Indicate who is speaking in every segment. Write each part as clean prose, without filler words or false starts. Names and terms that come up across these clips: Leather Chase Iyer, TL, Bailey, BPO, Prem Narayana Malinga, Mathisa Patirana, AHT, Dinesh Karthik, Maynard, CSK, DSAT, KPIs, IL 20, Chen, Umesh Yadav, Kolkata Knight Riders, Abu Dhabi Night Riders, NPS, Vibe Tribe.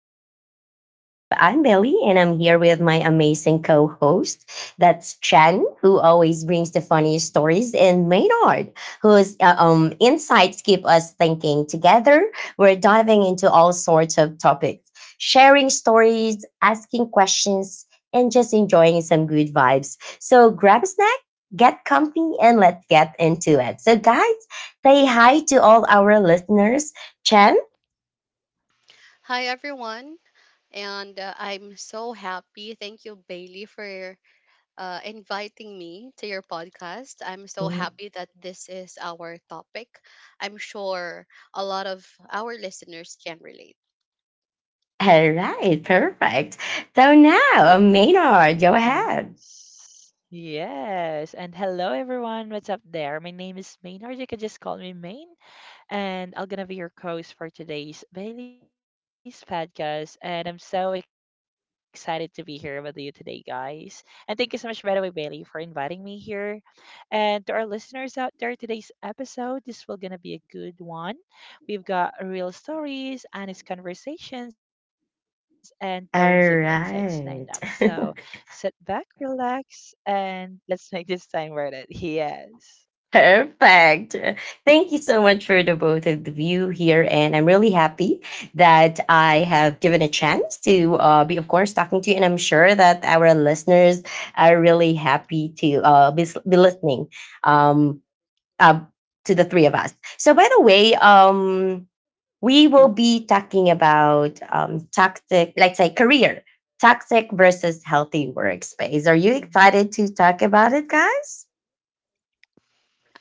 Speaker 1: to the Vibe Tribe. I'm Billy, and I'm here with my amazing co host. That's Chen, who always brings the funniest stories, and Maynard, whose insights keep us thinking. Together, we're diving into all sorts of topics, sharing stories, asking questions, and just enjoying some good vibes. So grab a snack, get comfy, and let's get into it. So, guys, say hi to all our listeners. Chen?
Speaker 2: Hi, everyone. And I'm so happy. Thank you, Bailey, for inviting me to your podcast. I'm so happy that this is our topic. I'm sure a lot of our listeners can relate.
Speaker 1: All right, perfect. So now, Maynard, go ahead.
Speaker 3: Yes. Yes. And hello, everyone. What's up there? My name is Main, or you can just call me Main, and I'm gonna be your host for today's Bailey's podcast. And I'm so excited to be here with you today, guys. And thank you so much, by the way, Bailey, for inviting me here. And to our listeners out there, today's episode, this will gonna be a good one. We've got real stories, honest conversations, and tons of insights lined
Speaker 1: All
Speaker 3: up. So sit
Speaker 1: right.
Speaker 3: back, relax, and let's make this time worth it. Yes.
Speaker 1: Perfect. Thank you so much for the both of you here. And I'm really happy that I have given a chance to be, of course, talking to you. And I'm sure that our listeners are really happy to be listening um, uh, to the three of us. So, by the way, we will be talking about toxic, let's say career, toxic versus healthy
Speaker 3: Mhm.
Speaker 1: workspace. Are you excited to talk about it, guys?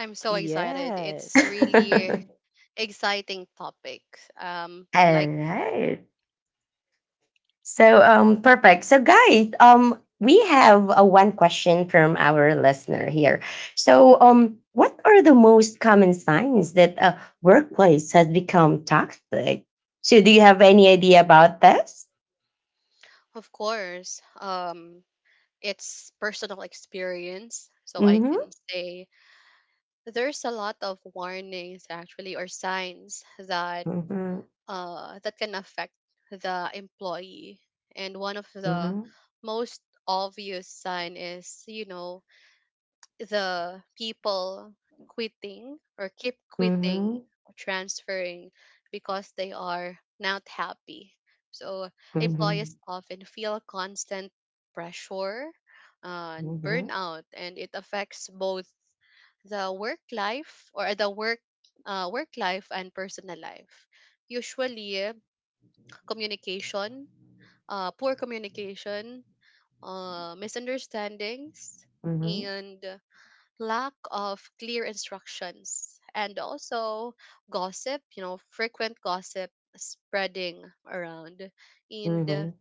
Speaker 2: I'm so excited. It's really exciting topic. Um,
Speaker 1: All
Speaker 2: like,
Speaker 1: right. So, perfect. So, guys, we have a one question from our listener here. So, what are the most common signs that a workplace has become toxic? So, do you have any idea about this?
Speaker 2: of course, it's personal experience. So I can
Speaker 1: Mm-hmm.
Speaker 2: say there's a lot of warnings actually or signs that
Speaker 1: Mm-hmm.
Speaker 2: that can affect the employee. And one of the
Speaker 1: Mm-hmm.
Speaker 2: most obvious sign is, you know, the people quitting or keep quitting
Speaker 1: Mm-hmm.
Speaker 2: or transferring because they are not happy. So employees
Speaker 1: Mhm.
Speaker 2: often feel constant pressure and
Speaker 1: Mhm.
Speaker 2: burnout, and it affects both the work life or the work life and personal life. Usually, communication, poor communication, misunderstandings,
Speaker 1: Mhm.
Speaker 2: and lack of clear instructions, and also gossip, you know, frequent gossip spreading around. And
Speaker 1: Mhm.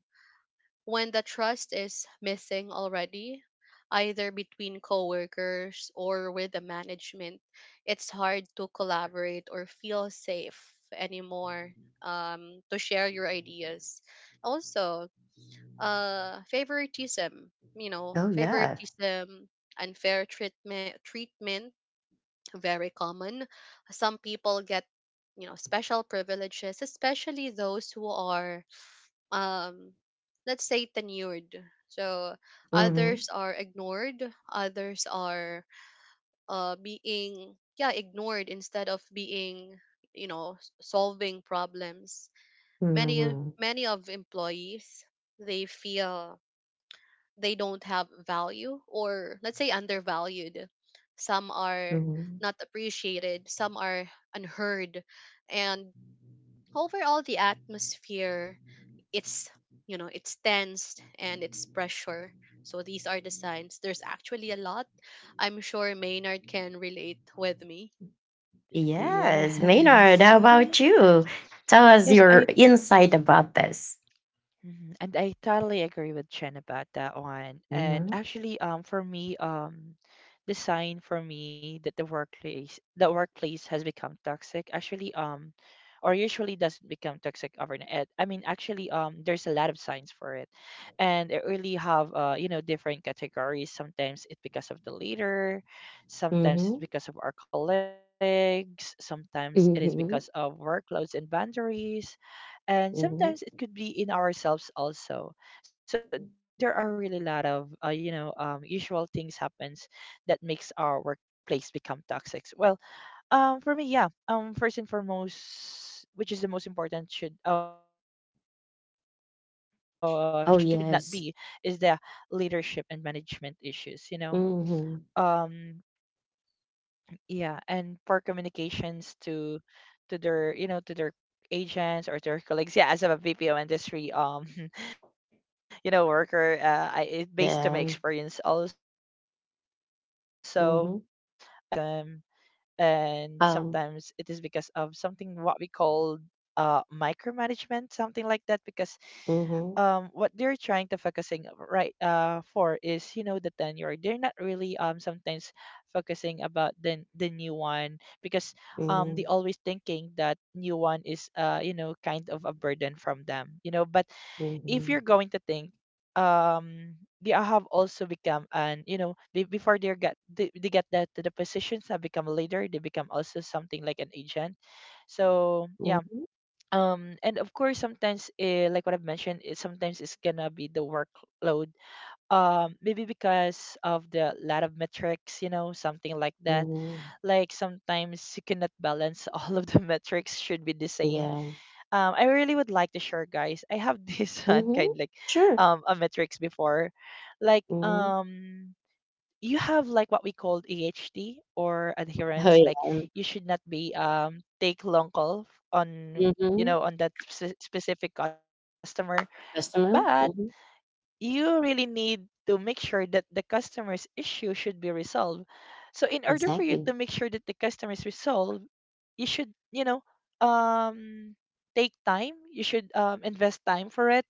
Speaker 2: when the trust is missing already, either between coworkers or with the management, it's hard to collaborate or feel safe anymore to share your ideas. Also, favoritism, you know,
Speaker 1: Oh, yeah.
Speaker 2: favoritism, unfair treatment, very common. Some people get, you know, special privileges, especially those who are um let's say tenured, so
Speaker 1: Mhm.
Speaker 2: others are ignored, others are being, yeah, ignored instead of being, you know, solving problems. many
Speaker 1: Mhm.
Speaker 2: many of employees, they feel they don't have value, or let's say undervalued. Some are
Speaker 1: Mhm.
Speaker 2: not appreciated, some are unheard, and overall the atmosphere, it's, you know, it's tensed and it's pressure. So these are the signs. There's actually a lot. I'm sure Maynard can relate with me.
Speaker 1: Yes, Maynard,
Speaker 3: Yes.
Speaker 1: how about you? Tell us
Speaker 3: Yes,
Speaker 1: your insight about this.
Speaker 3: and I totally agree with Chen about that one.
Speaker 1: Mhm.
Speaker 3: For me, the sign for me that the workplace has become toxic actually, or usually doesn't become toxic overnight. And, I mean, actually, There's a lot of signs for it, and it really have you know, different categories. Sometimes it's because of the leader, sometimes it's
Speaker 1: Mhm.
Speaker 3: because of our colleagues, sometimes it is because
Speaker 1: Mhm.
Speaker 3: of workloads and boundaries, and
Speaker 1: Mhm.
Speaker 3: sometimes it could be in ourselves also. So there are really a lot of usual things happens that makes our workplace become toxic. For me, first and foremost, which is the most important, should not
Speaker 1: Oh,
Speaker 3: be is
Speaker 1: yes.
Speaker 3: the leadership and management issues, you know.
Speaker 1: Mhm.
Speaker 3: um yeah, and for communications to their, you know, to their agents or to their colleagues. Yeah, as a BPO industry you know, worker, I, it based on my
Speaker 1: Yeah.
Speaker 3: experience also. Sometimes, yep,
Speaker 1: Mhm.
Speaker 3: a leader has, you know, favoritism, and
Speaker 1: Um.
Speaker 3: sometimes it is because of something what we call micromanagement, something like that, because
Speaker 1: Mhm.
Speaker 3: what they're trying to focusing right for is, you know, the tenure. They're not really, sometimes focusing about the new one, because they
Speaker 1: Mhm.
Speaker 3: always thinking that new one is, you know, kind of a burden from them, you know. But if
Speaker 1: Mhm.
Speaker 3: you're going to think, um they have also become, and you know, before they get that to the positions, have become a leader, they become also something like an agent. So yeah,
Speaker 1: Mhm.
Speaker 3: and of course sometimes, like what I've mentioned, it sometimes it's gonna be the workload, maybe because of the lot of metrics, you know, something like that.
Speaker 1: Mhm.
Speaker 3: Like sometimes you cannot balance all of the metrics should be the same.
Speaker 1: Yeah.
Speaker 3: I really would like to share, guys, I have this one kind
Speaker 1: Mhm.
Speaker 3: like
Speaker 1: Sure.
Speaker 3: a metrics before, like
Speaker 1: Mhm.
Speaker 3: um you have like what we call AHT, or
Speaker 1: Oh,
Speaker 3: adherence. Like
Speaker 1: yeah.
Speaker 3: you should not be take long call on,
Speaker 1: Mhm.
Speaker 3: you know, on that specific customer,
Speaker 1: Customer.
Speaker 3: but
Speaker 1: Mhm.
Speaker 3: you really need to make sure that the customer's issue should be resolved. So in order for you to
Speaker 1: Exactly.
Speaker 3: make sure that the customer is resolved, you should, you know, um take time. You should invest time for it,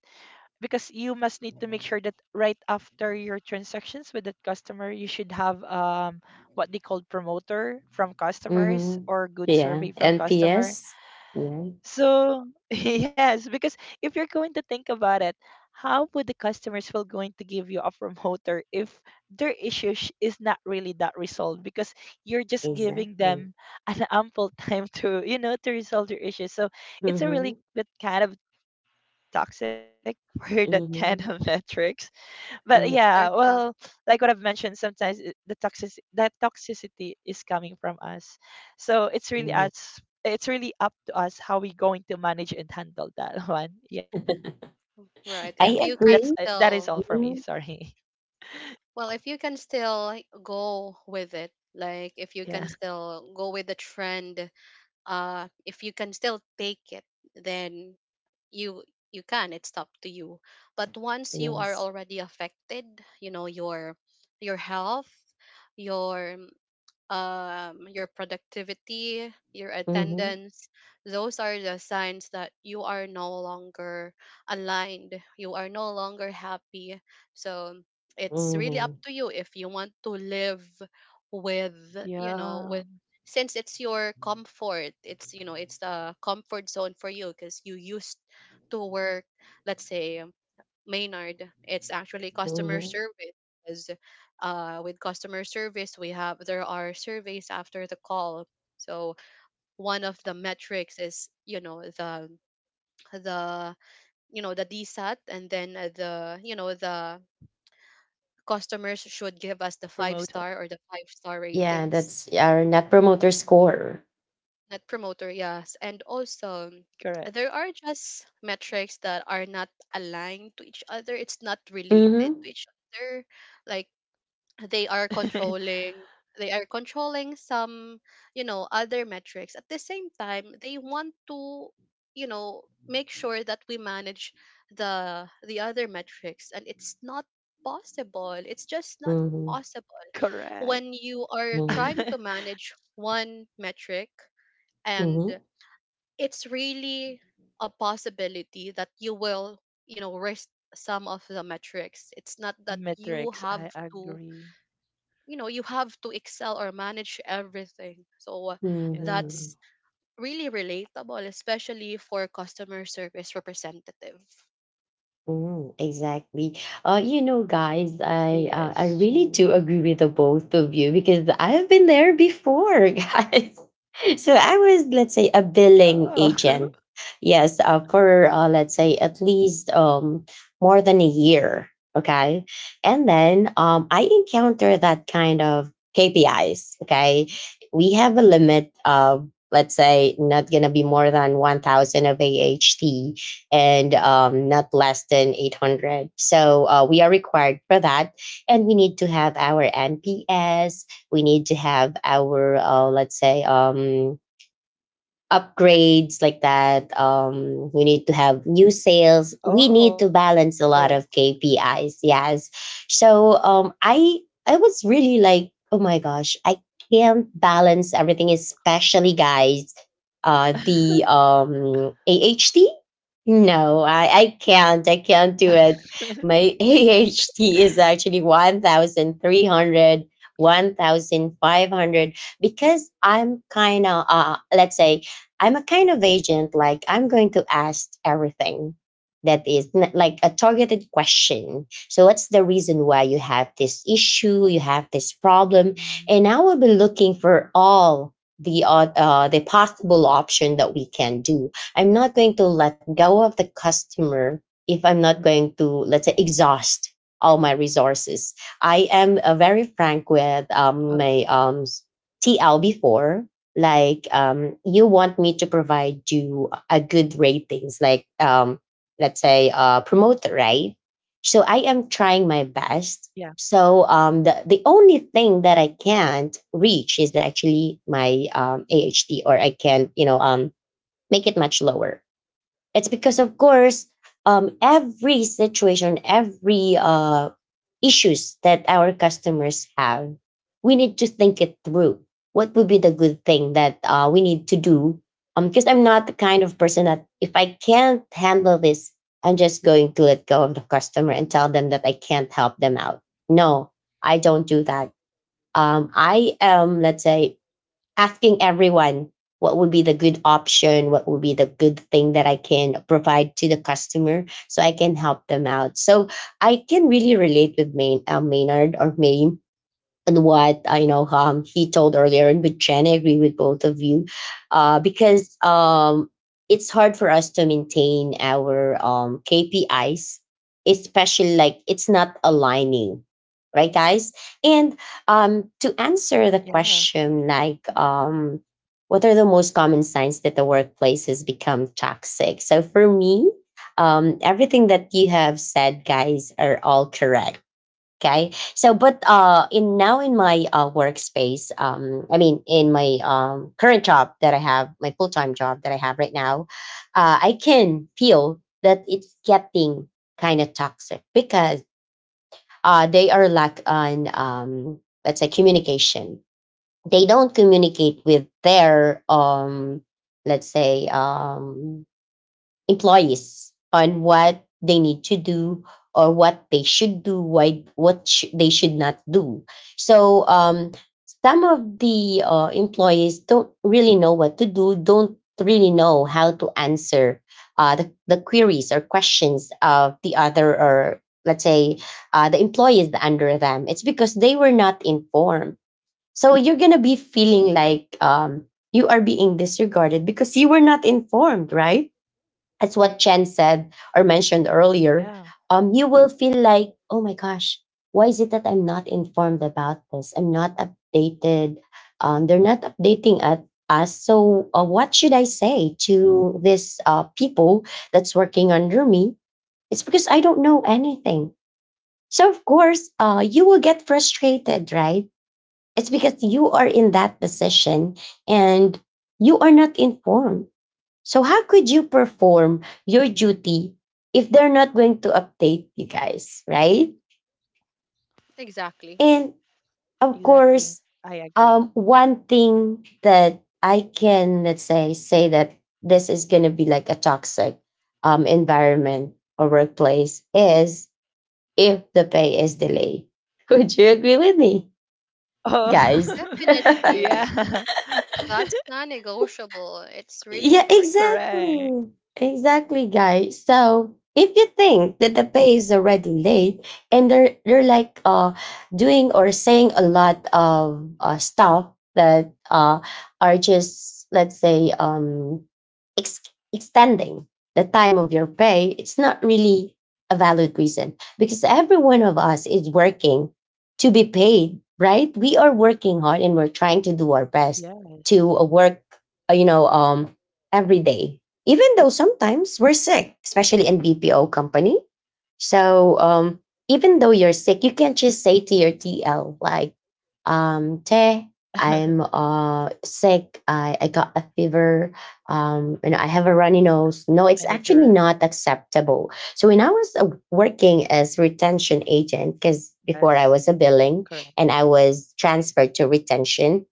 Speaker 3: because you must need to make sure that right after your transactions with that customer, you should have what they call promoter from customers,
Speaker 1: Mhm.
Speaker 3: or good
Speaker 1: Yeah,
Speaker 3: survey from customer.
Speaker 1: NPS. Yeah,
Speaker 3: So yes, because if you're going to think about it, how would the customers will going to give you a promoter if their issue is not really that resolved, because you're just giving
Speaker 1: exactly.
Speaker 3: them an ample time to, you know, to resolve their issue. So
Speaker 1: Mhm.
Speaker 3: it's a really bit kind of toxic for that kind
Speaker 1: Mhm.
Speaker 3: of metrics. But
Speaker 1: Mm,
Speaker 3: yeah,
Speaker 2: There's a
Speaker 3: well, like what I've mentioned, sometimes the toxic, that toxicity is coming from us. So it's
Speaker 1: mhm.
Speaker 3: really us. It's really up to us how we going to manage and handle that one. Yeah,
Speaker 2: Right,
Speaker 1: I
Speaker 3: that
Speaker 2: if
Speaker 3: is
Speaker 2: you
Speaker 3: all for
Speaker 2: can
Speaker 1: agree.
Speaker 3: me.
Speaker 2: still,
Speaker 3: Sorry.
Speaker 1: Mhm.
Speaker 2: well, if you can still go with it,
Speaker 3: Yeah.
Speaker 2: like if you can still go with the trend, if you can still take it, then you you can. It's up to you. But once you are
Speaker 1: Yes.
Speaker 2: already affected, you know, your health, your your productivity, your
Speaker 1: Mhm.
Speaker 2: attendance, those are the signs that you are no longer aligned. You are no longer happy. So it's really up
Speaker 1: Mhm.
Speaker 2: to you if you want to live with, you
Speaker 3: Yeah.
Speaker 2: know, with, since it's your comfort, it's, you know, it's the comfort zone for you because you used to work, let's say Maynard. It's actually customer
Speaker 1: Mhm.
Speaker 2: service. 'Cause, with customer service, we have, there are surveys after the call. So one of the metrics is, you know, the you know the DSAT, and then the you know the customers should give us the five
Speaker 3: Promoter.
Speaker 2: star or the five-star
Speaker 1: Yeah,
Speaker 2: ratings.
Speaker 1: that's our net promoter score.
Speaker 2: Net promoter, yes, and also there
Speaker 3: Correct.
Speaker 2: are just metrics that are not aligned to each other. It's not related
Speaker 1: Mhm.
Speaker 2: to each other, like they are controlling, some, you know, other metrics. At the same time, they want to, you know, make sure that we manage the other metrics, and it's not possible. It's just not
Speaker 1: Mhm.
Speaker 2: possible when
Speaker 3: Correct.
Speaker 2: you are
Speaker 1: Mhm.
Speaker 2: trying to manage one metric, and
Speaker 1: Mhm.
Speaker 2: it's really a possibility that you will, you know, risk some of the metrics. It's not that you have
Speaker 3: Metrics.
Speaker 2: to,
Speaker 3: I agree.
Speaker 2: you know, you have to excel or manage everything. So
Speaker 1: Mhm.
Speaker 2: that's
Speaker 3: Yeah.
Speaker 2: really relatable, especially for customer service representative.
Speaker 1: Mm, exactly. You know, guys,
Speaker 3: Yes,
Speaker 1: I
Speaker 3: Chin.
Speaker 1: really do agree with the both of you because I've been there before, guys. So I was, let's say, a billing
Speaker 3: Oh.
Speaker 1: agent. Yes, for let's say at least more than a year. Okay, and then I encounter that kind of KPIs. Okay, we have a limit of let's say not gonna be more than 1,000 of AHT and not less than 800. So we are required for that. And we need to have our NPS. We need to have our, let's say, upgrades like that. We need to have new sales. We need
Speaker 3: oh.
Speaker 1: to balance a lot of KPIs. Yes. So I was really like, oh my gosh, I can't balance everything, especially guys. The AHT no, I can't. I can't do it. My AHT is actually 1,300, 1,500. Because I'm kind of, let's say, I'm a kind of agent. Like, I'm going to ask everything that is like a targeted question. So, what's the reason why you have this issue? You have this problem? And I will be looking
Speaker 3: Mhm.
Speaker 1: for all the the possible option that we can do. I'm not going to let go of the customer if I'm not going to, let's say, exhaust all my resources. I am very
Speaker 3: Uh,
Speaker 1: frank with my TL before. Like, you want me to provide you a good ratings, like, let's say, promoter, right? So I am trying my best. So
Speaker 3: yeah.
Speaker 1: the only thing that I can't reach is actually my AHT, or I can't, you know, make it much lower. It's because, of course, every situation, every issues that our customers have, we need to think it through. What would be the good thing that we need to do? Because I'm not the kind of person that if I can't handle this, I'm just going to let go of the customer and tell them that I can't help them out. No, I
Speaker 3: Mm.
Speaker 1: don't do that. I am, let's say, asking everyone what would be the good option, what would be the good thing that I can provide to the customer so I can help them out. So I can really relate with Maynard or Maine and what I know he told earlier, and with Jen, I agree with both of you, because it's hard for us to maintain our KPIs, especially like it's not aligning, right, guys? And to answer the question,
Speaker 3: Yeah,
Speaker 1: like, what are the most common signs that the workplace has become toxic? So for me, everything that you have said, guys, are all correct. Okay. So, but in now in my workspace, I mean, in my current job that I have, my full time job that I have right now, I can feel that it's getting kind of toxic because they are lack on, let's say, communication. They don't communicate with their, let's say, um, employees on what they need to do or what they should do, why, what they should not do. So some of the employees don't really know what to do, don't really know how to answer the queries or questions of the other or let's say the employees under them. It's because they were not informed. So you're going to be feeling like you are being disregarded because you were not informed, right? As what Chen said or
Speaker 3: yeah,
Speaker 1: mentioned earlier, you will feel like, oh my gosh, why is it that I'm not informed about this? I'm not updated. They're not updating at us. So, what should I say to this people that's working under me? It's because I don't know anything. So, of course, you will get frustrated, right? It's because you are in that position and you are not informed, so how could you perform your
Speaker 3: yeah.
Speaker 1: duty if they're not going to update you guys, right?
Speaker 2: Exactly.
Speaker 1: And
Speaker 3: Exactly.
Speaker 1: of
Speaker 3: I
Speaker 1: course,
Speaker 3: agree.
Speaker 1: one thing that I can let's say say that this is gonna be like a toxic environment or workplace is if the pay is delayed. Would you agree with me,
Speaker 3: Oh,
Speaker 1: guys?
Speaker 2: Definitely,
Speaker 3: yeah,
Speaker 2: that's non-negotiable, it's really
Speaker 1: Yeah,
Speaker 2: important.
Speaker 1: exactly.
Speaker 3: correct.
Speaker 1: Exactly, guys. So if you think that the pay is already late and they're like doing or saying a lot of stuff that are just let's say ex- extending the time of your pay, it's not really a valid reason because every one of us is working to be paid, right? We are working hard and we're trying to do our best to work,
Speaker 3: Yes,
Speaker 1: uh, you know, um, every day. Even though sometimes we're sick, especially in BPO company, so even though you're sick, you can not just say to your TL like, "Te, I'm sick. I got a fever, and I have a runny nose." No, it's actually not
Speaker 3: I need to
Speaker 1: acceptable. So
Speaker 3: rest.
Speaker 1: when I was
Speaker 3: Correct.
Speaker 1: working as retention agent, because before I was a billing and I was transferred to retention,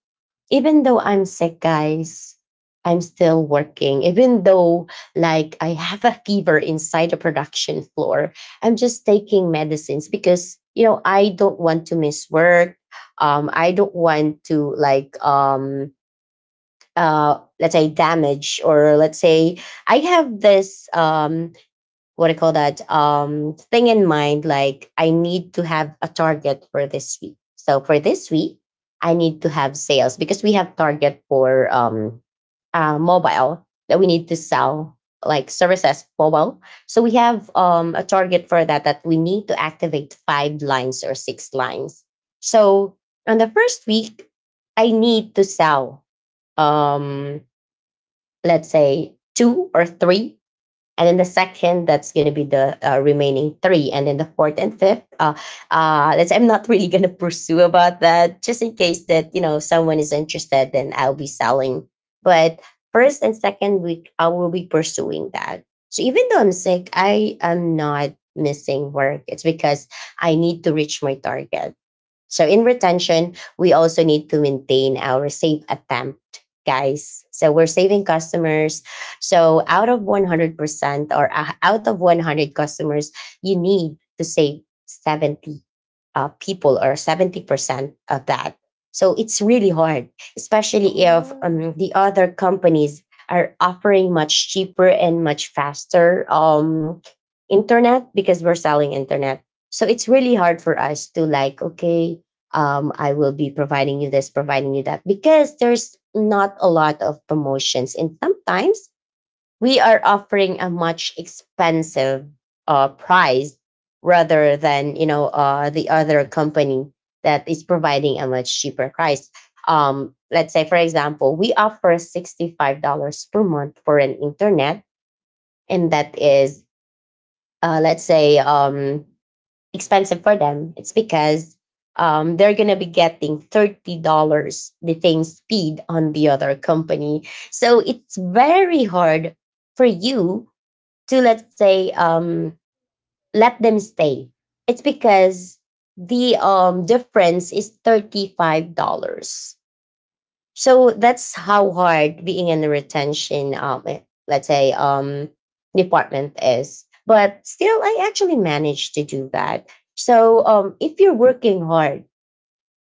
Speaker 1: even though I'm sick, guys, I'm still working. Even though, like, I have a fever inside the production floor, I'm just taking medicines because, you know, I don't want to miss work. I don't want to, like, let's say damage or let's say I have this what do you call that thing in mind, like I need to have a target for this week. So for this week I need to have sales because we have target for mobile that we need to sell, like services mobile. So we have a target for that, that we need to activate five lines or six lines. So on the first week I need to sell, um let's say two or three, and then the second, that's going to be the remaining three. And then the fourth and fifth, let's, I'm not really going to pursue about that just in case that, you know, someone is interested, then I'll be selling. But first and second week, I will be pursuing that. So even though I'm sick, I am not missing work. It's because I need to reach my target. So in retention, we also need to maintain our safe attempt, guys. So we're saving customers. So out of 100% or out of 100 customers, you need to save 70 people or 70% of that. So it's really hard, especially if the
Speaker 3: Oh,
Speaker 1: other companies are offering much cheaper and much faster internet because we're selling internet. So it's really hard for us to like, okay, I will be providing you this, providing you that, because there's not a lot of promotions. And sometimes we are offering a much expensive price rather than the other company that is providing a much cheaper price. Let's say for example we offer $65 per month for an internet, and that is let's say expensive for them. It's because they're gonna be getting $30 the same speed on the other company, so it's very hard for you to, let's say, let them stay. It's because the difference is $35. So that's how hard being in the retention let's say department is, but still I actually managed to do that. So if you're working hard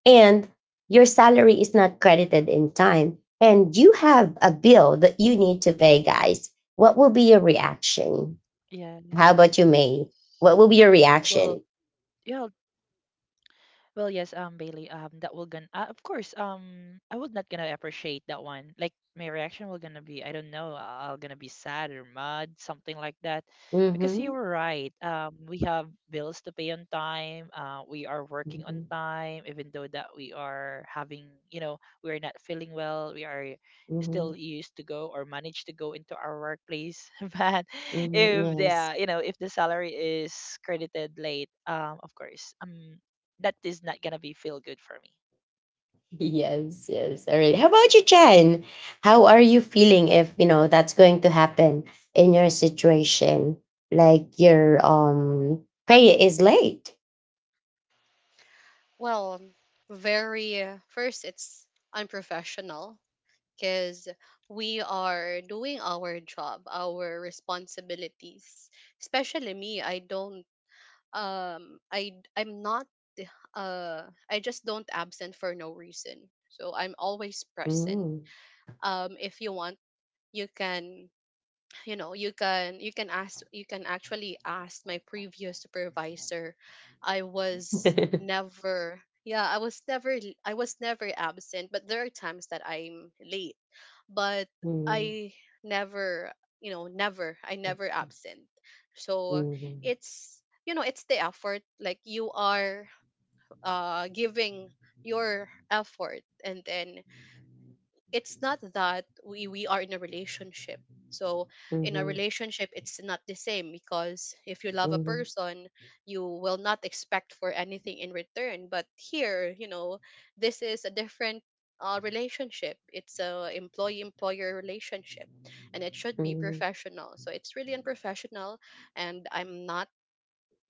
Speaker 1: and your salary is not credited in time and you have a bill that you need to pay, guys, what will be your reaction?
Speaker 3: yes.
Speaker 1: How about you, May? What will be your
Speaker 3: Well,
Speaker 1: reaction?
Speaker 3: yeah, Well, yes, Bailey, that will gonna, of course, I would not gonna appreciate that one. Like my reaction will gonna be, I don't know, I'll gonna be sad or mad, something like that, because
Speaker 1: Mm-hmm.
Speaker 3: you were right. We have bills to pay on time. We are working
Speaker 1: Mm-hmm.
Speaker 3: on time, even though that we are having, you know, we are not feeling well. We are
Speaker 1: Mm-hmm.
Speaker 3: still used to go or manage to go into our workplace, but if
Speaker 1: Mm-hmm. Yes.
Speaker 3: the, you know, if the salary is credited late, of course, that is not gonna be feel good for me.
Speaker 1: Yes, yes. All right. How about you, Jen? How are you feeling if you know that's going to happen in your situation? Like your pay is late.
Speaker 2: Well, very first, it's unprofessional because we are doing our job, our responsibilities. Especially me, I don't I I'm not uh I just don't absent for no reason, so I'm always present.
Speaker 1: Mm-hmm.
Speaker 2: Um, if you want, you can, you know, you can ask, you can actually ask my previous supervisor. I was never Yeah, I was never I was never absent, but there are times that I'm late. But I never, you know, never, I never absent. So
Speaker 1: Mhm,
Speaker 2: it's, you know, it's the effort, like you are giving your effort. And then, it's not that we are in a relationship. So in a
Speaker 1: mhm,
Speaker 2: relationship, it's not the same, because if you love
Speaker 1: mhm,
Speaker 2: a
Speaker 1: mhm,
Speaker 2: person, you will not expect for anything in return. But here, you know, this is a different relationship. It's a employee employer relationship, and it should be
Speaker 1: mhm,
Speaker 2: professional. So it's really unprofessional, and i'm not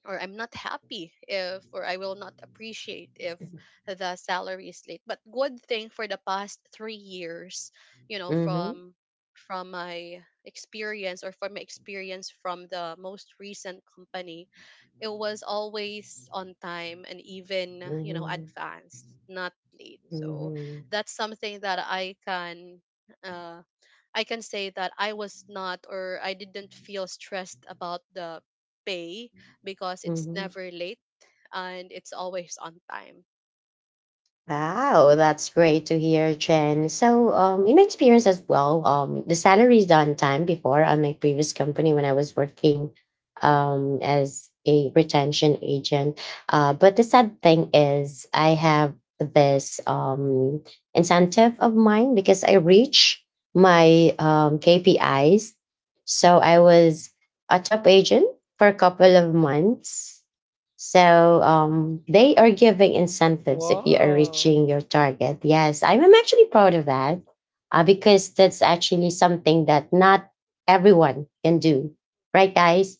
Speaker 2: or I'm not happy if, or I will not appreciate if the salary is late. But good thing for the past 3 years, you know,
Speaker 1: mhm,
Speaker 2: from my experience, from the most recent company, it was always on time and even, you know, advanced, not late.
Speaker 1: mhm,
Speaker 2: So
Speaker 1: mhm,
Speaker 2: that's something that I can, uh, I can say that I was not or I didn't feel stressed about the pay, because it's
Speaker 1: mhm.
Speaker 2: never late and it's always on time.
Speaker 1: Wow, that's great to hear, Jen. So, in my experience as well, the salary is on time before on my previous company when I was working as a retention agent. But the sad thing is, I have this incentive of mine because I reach my KPIs. So I was a top agent for a couple of months. So they are giving incentives if you are reaching your
Speaker 3: Whoa.
Speaker 1: target. Yes, I'm actually proud of that because that's actually something that not everyone can do, right, guys?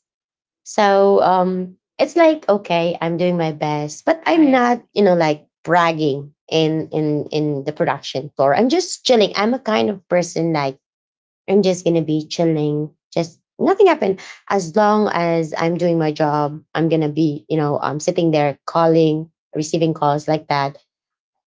Speaker 1: So it's like okay, I'm doing my best, but I'm not, you know,
Speaker 3: I
Speaker 1: like
Speaker 3: agree.
Speaker 1: bragging in the production floor. I'm just chilling. I'm a kind of person like I'm just gonna be chilling. Just nothing happened. As long as I'm doing my job, I'm gonna be, you know, sitting there calling, receiving calls like that.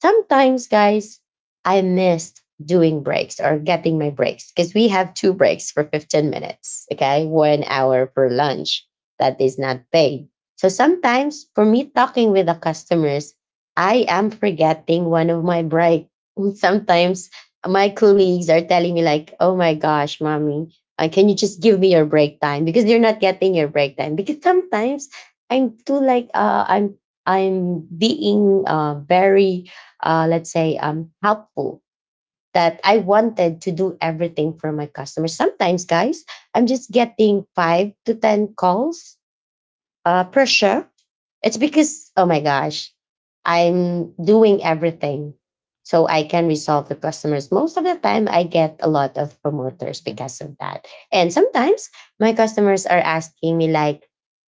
Speaker 1: Sometimes, guys, I missed doing breaks or getting my breaks because we have two breaks for 15 minutes, okay, 1 hour for lunch that is not paid. So sometimes for me talking with the customers, I am forgetting one of my break. Sometimes my colleagues are telling me like, oh my gosh, mommy, can you just give me your break time because you're not getting your break time? Because sometimes I'm too like, I'm being very let's say helpful that I wanted to do everything for my customers. Sometimes, guys, I'm just getting 5 to 10 calls per shift. It's because, oh my gosh, I'm doing everything so I can resolve the customers. Most of the time, I get a lot of promoters because of
Speaker 3: Mhm.
Speaker 1: that. And sometimes my customers are asking me, like,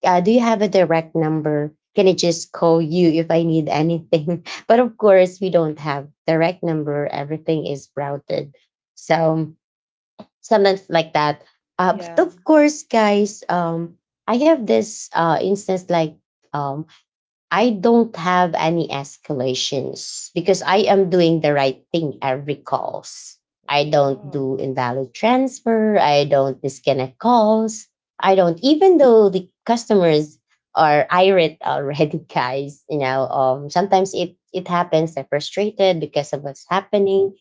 Speaker 1: do you have a direct number? Can I just call you if I need anything? But of course, we don't have direct number. Everything is routed. So sometimes like that. But of course,
Speaker 3: Yeah.
Speaker 1: guys, I have this instance like um, I don't have any escalations because I am doing the right thing every calls. I don't do invalid
Speaker 3: Wow.
Speaker 1: transfer. I don't disconnect calls. I don't, even though the customers are irate already, guys, you know, sometimes it happens. They're frustrated because of what's happening.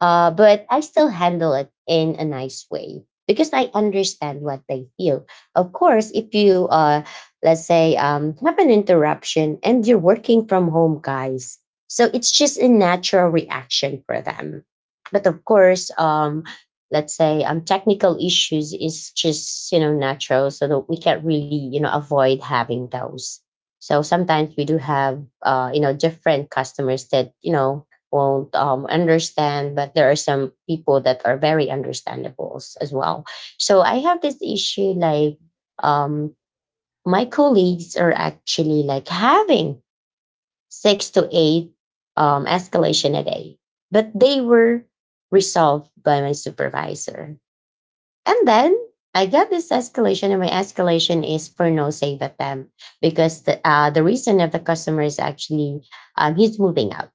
Speaker 1: But I still handle it in a nice way because I understand what they feel. Of course, if you, let's say, have an interruption and you're working from home, guys, so it's just a natural reaction for them. But of course, let's say technical issues is just, you know, natural, so that we can't really, you know, avoid having those. So sometimes we do have you know, different customers that, you know, won't understand, but there are some people that are very understandable as well. So I have this issue like
Speaker 3: Yeah.
Speaker 1: um, my colleagues are actually like having 6 to 8 escalation a day, but they were resolved by my supervisor. And then I got this escalation, and my escalation is for no save at them because the reason of the customer is actually he's moving out,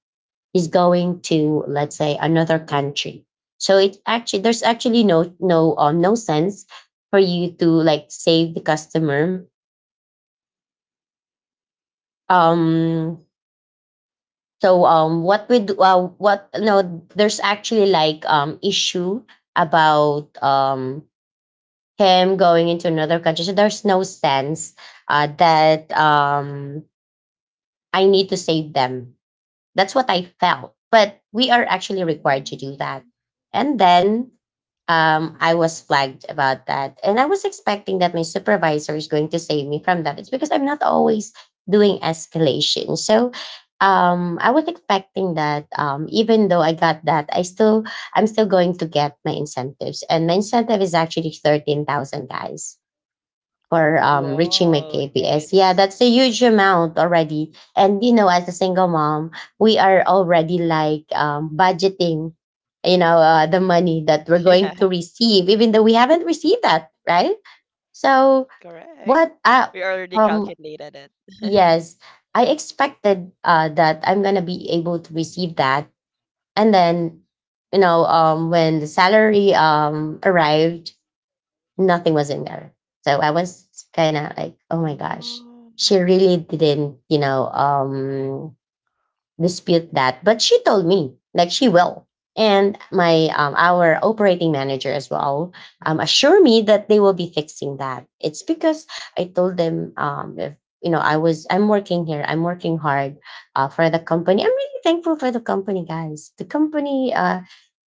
Speaker 1: is going to, let's say, another country. So it actually, there's actually no sense for you to like save the customer. um so what we do, what no there's actually like issue about him going into another country, so there's no sense that I need to save them. That's what I felt, but we are actually required to do that.
Speaker 3: Mm.
Speaker 1: And then I was flagged about that. And I was expecting that my supervisor is going to save me from that. It's because I'm not always doing escalation. So I was expecting that even though I got that, I'm still going to get my incentives. And my incentive is actually 13,000, guys, for reaching my
Speaker 3: Wow.
Speaker 1: KPS. Yeah, that's a
Speaker 3: That's
Speaker 1: huge amount already. And you know, as a single mom, we are already like budgeting, you know, the money that we're going to
Speaker 3: yeah,
Speaker 1: receive, even though we haven't received that, right? So what?
Speaker 3: correct. We
Speaker 1: Um,
Speaker 3: already calculated
Speaker 1: yes,
Speaker 3: it.
Speaker 1: I expected that I'm gonna be able to receive that, and then you know, when the salary arrived, nothing was in there. So I was kind of like, oh my gosh, she
Speaker 3: Oh.
Speaker 1: really didn't, you know, dispute that. But she told me like she will. And my our operating manager as well assure me that they will be fixing that. It's because I told them if you know I'm working here, I'm working hard for the company. I'm really thankful for the company, guys. The company,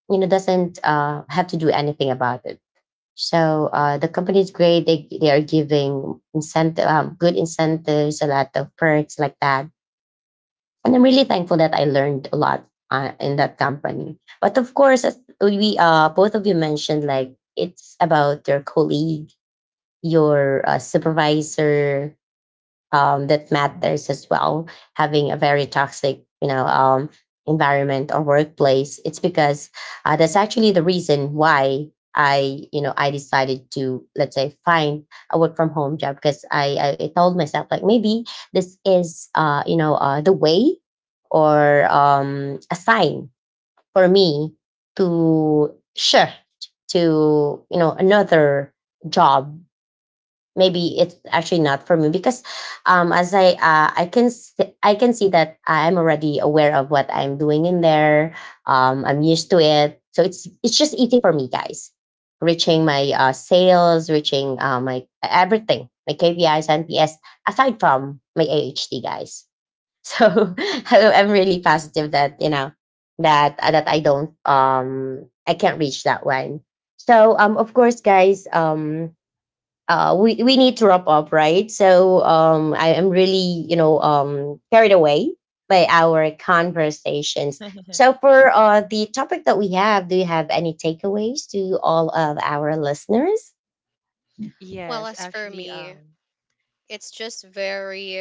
Speaker 1: you know, doesn't have to do anything about it. So the company is great. They are giving incentive, good incentives, a lot of perks like that. And I'm really thankful that I learned a lot in that company. But of course, as we both of you mentioned, like it's about your colleague, your supervisor, that matters as well. Having a very toxic, you know, environment or workplace, it's because that's actually the reason why I, you know, I decided to, let's say, find a work from home job. Because I told myself like maybe this is, you know, the way or a sign for me to shift to, you know, another job. Maybe it's actually not for me because as I can I can see that I'm already aware of what I'm doing in there. I'm used to it, so it's just easy for me, guys, reaching my sales, reaching my everything, my KPIs and PS aside from my AHT, guys. So I'm really positive that, you know, that that I don't I can't reach that one. So of course, guys, we need to wrap up, right? So I am really, you know, carried away by our conversations. So for the topic that we have, do you have any takeaways to all of our listeners?
Speaker 2: Well,
Speaker 3: Yes,
Speaker 2: as for
Speaker 3: actually,
Speaker 2: me,
Speaker 3: um,
Speaker 2: it's just very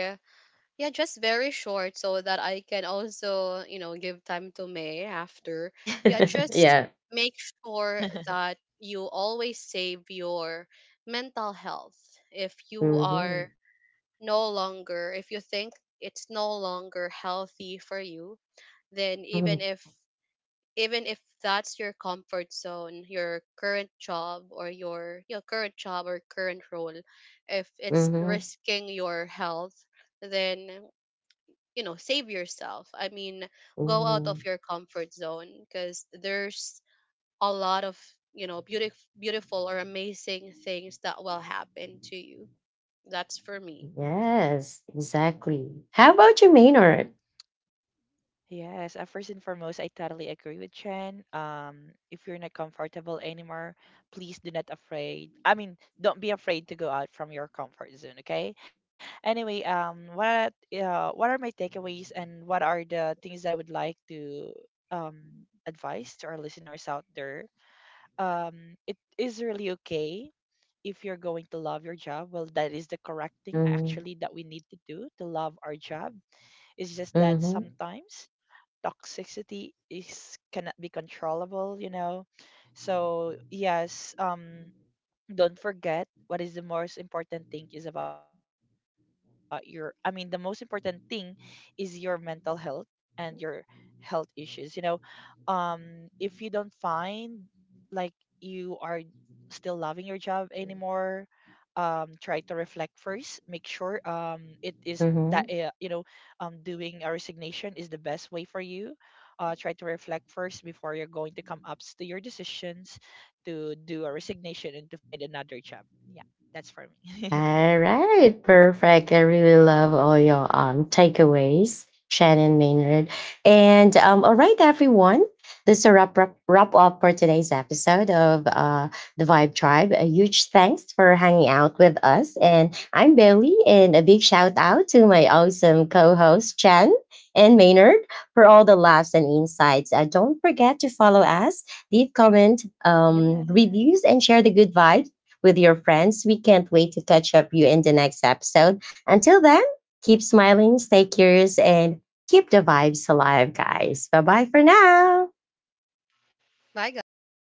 Speaker 2: Yeah, just very short so that I can also, you know, give time to May after. Yeah, just
Speaker 1: Yeah.
Speaker 2: make sure that you always save your mental health. If you
Speaker 1: Hmm.
Speaker 2: are no longer, if you think it's no longer healthy for you, then
Speaker 1: Hmm.
Speaker 2: even if that's your comfort zone, your current job, or current role, if it's
Speaker 1: Hmm.
Speaker 2: risking your health, then, you know, save yourself. I mean, go out of your comfort zone because there's a lot of, you know, beautiful or amazing things that will happen to you. That's for me.
Speaker 1: Yes, exactly. How about you, Maynard?
Speaker 3: Yes, first and foremost, I totally agree with Chen. If you're not comfortable anymore, please do not afraid. I mean, don't be afraid to go out from your comfort zone, okay? Anyway, what are my takeaways, and what are the things I would like to um advise to our listeners out there? It is really okay if you're going to love your job. Well, that is the correct thing
Speaker 1: Mm-hmm.
Speaker 3: actually that we need to do to love our job. It's just that
Speaker 1: Mm-hmm.
Speaker 3: sometimes toxicity is cannot be controllable, you know. So yes, don't forget what is the most important thing is about your, I mean, the most important thing is your mental health and your health issues, you know. If you don't find like you are still loving your job anymore, try to reflect first, make sure
Speaker 1: Mm-hmm.
Speaker 3: it is that, you know, doing a resignation is the best way for you. Try to reflect first before you're going to come up to your decisions to do a resignation and to find another job. Yeah,
Speaker 1: All
Speaker 3: that's for
Speaker 1: right,
Speaker 3: me.
Speaker 1: perfect. I really love all your takeaways, Shannon Maynard. And all right, everyone. This is a wrap, wrap, wrap up for today's episode of The Vibe Tribe. A huge thanks for hanging out with us. And I'm Bailey, and a big shout out to my awesome co host, Chen and Maynard, for all the laughs and insights. Don't forget to follow us, leave comment, reviews, and
Speaker 3: yes.
Speaker 1: share the good vibes with your friends. We can't wait to catch up you in the next episode. Until then, keep smiling, stay curious, and keep the vibes alive, guys. Bye bye for now.
Speaker 2: Bye, guys.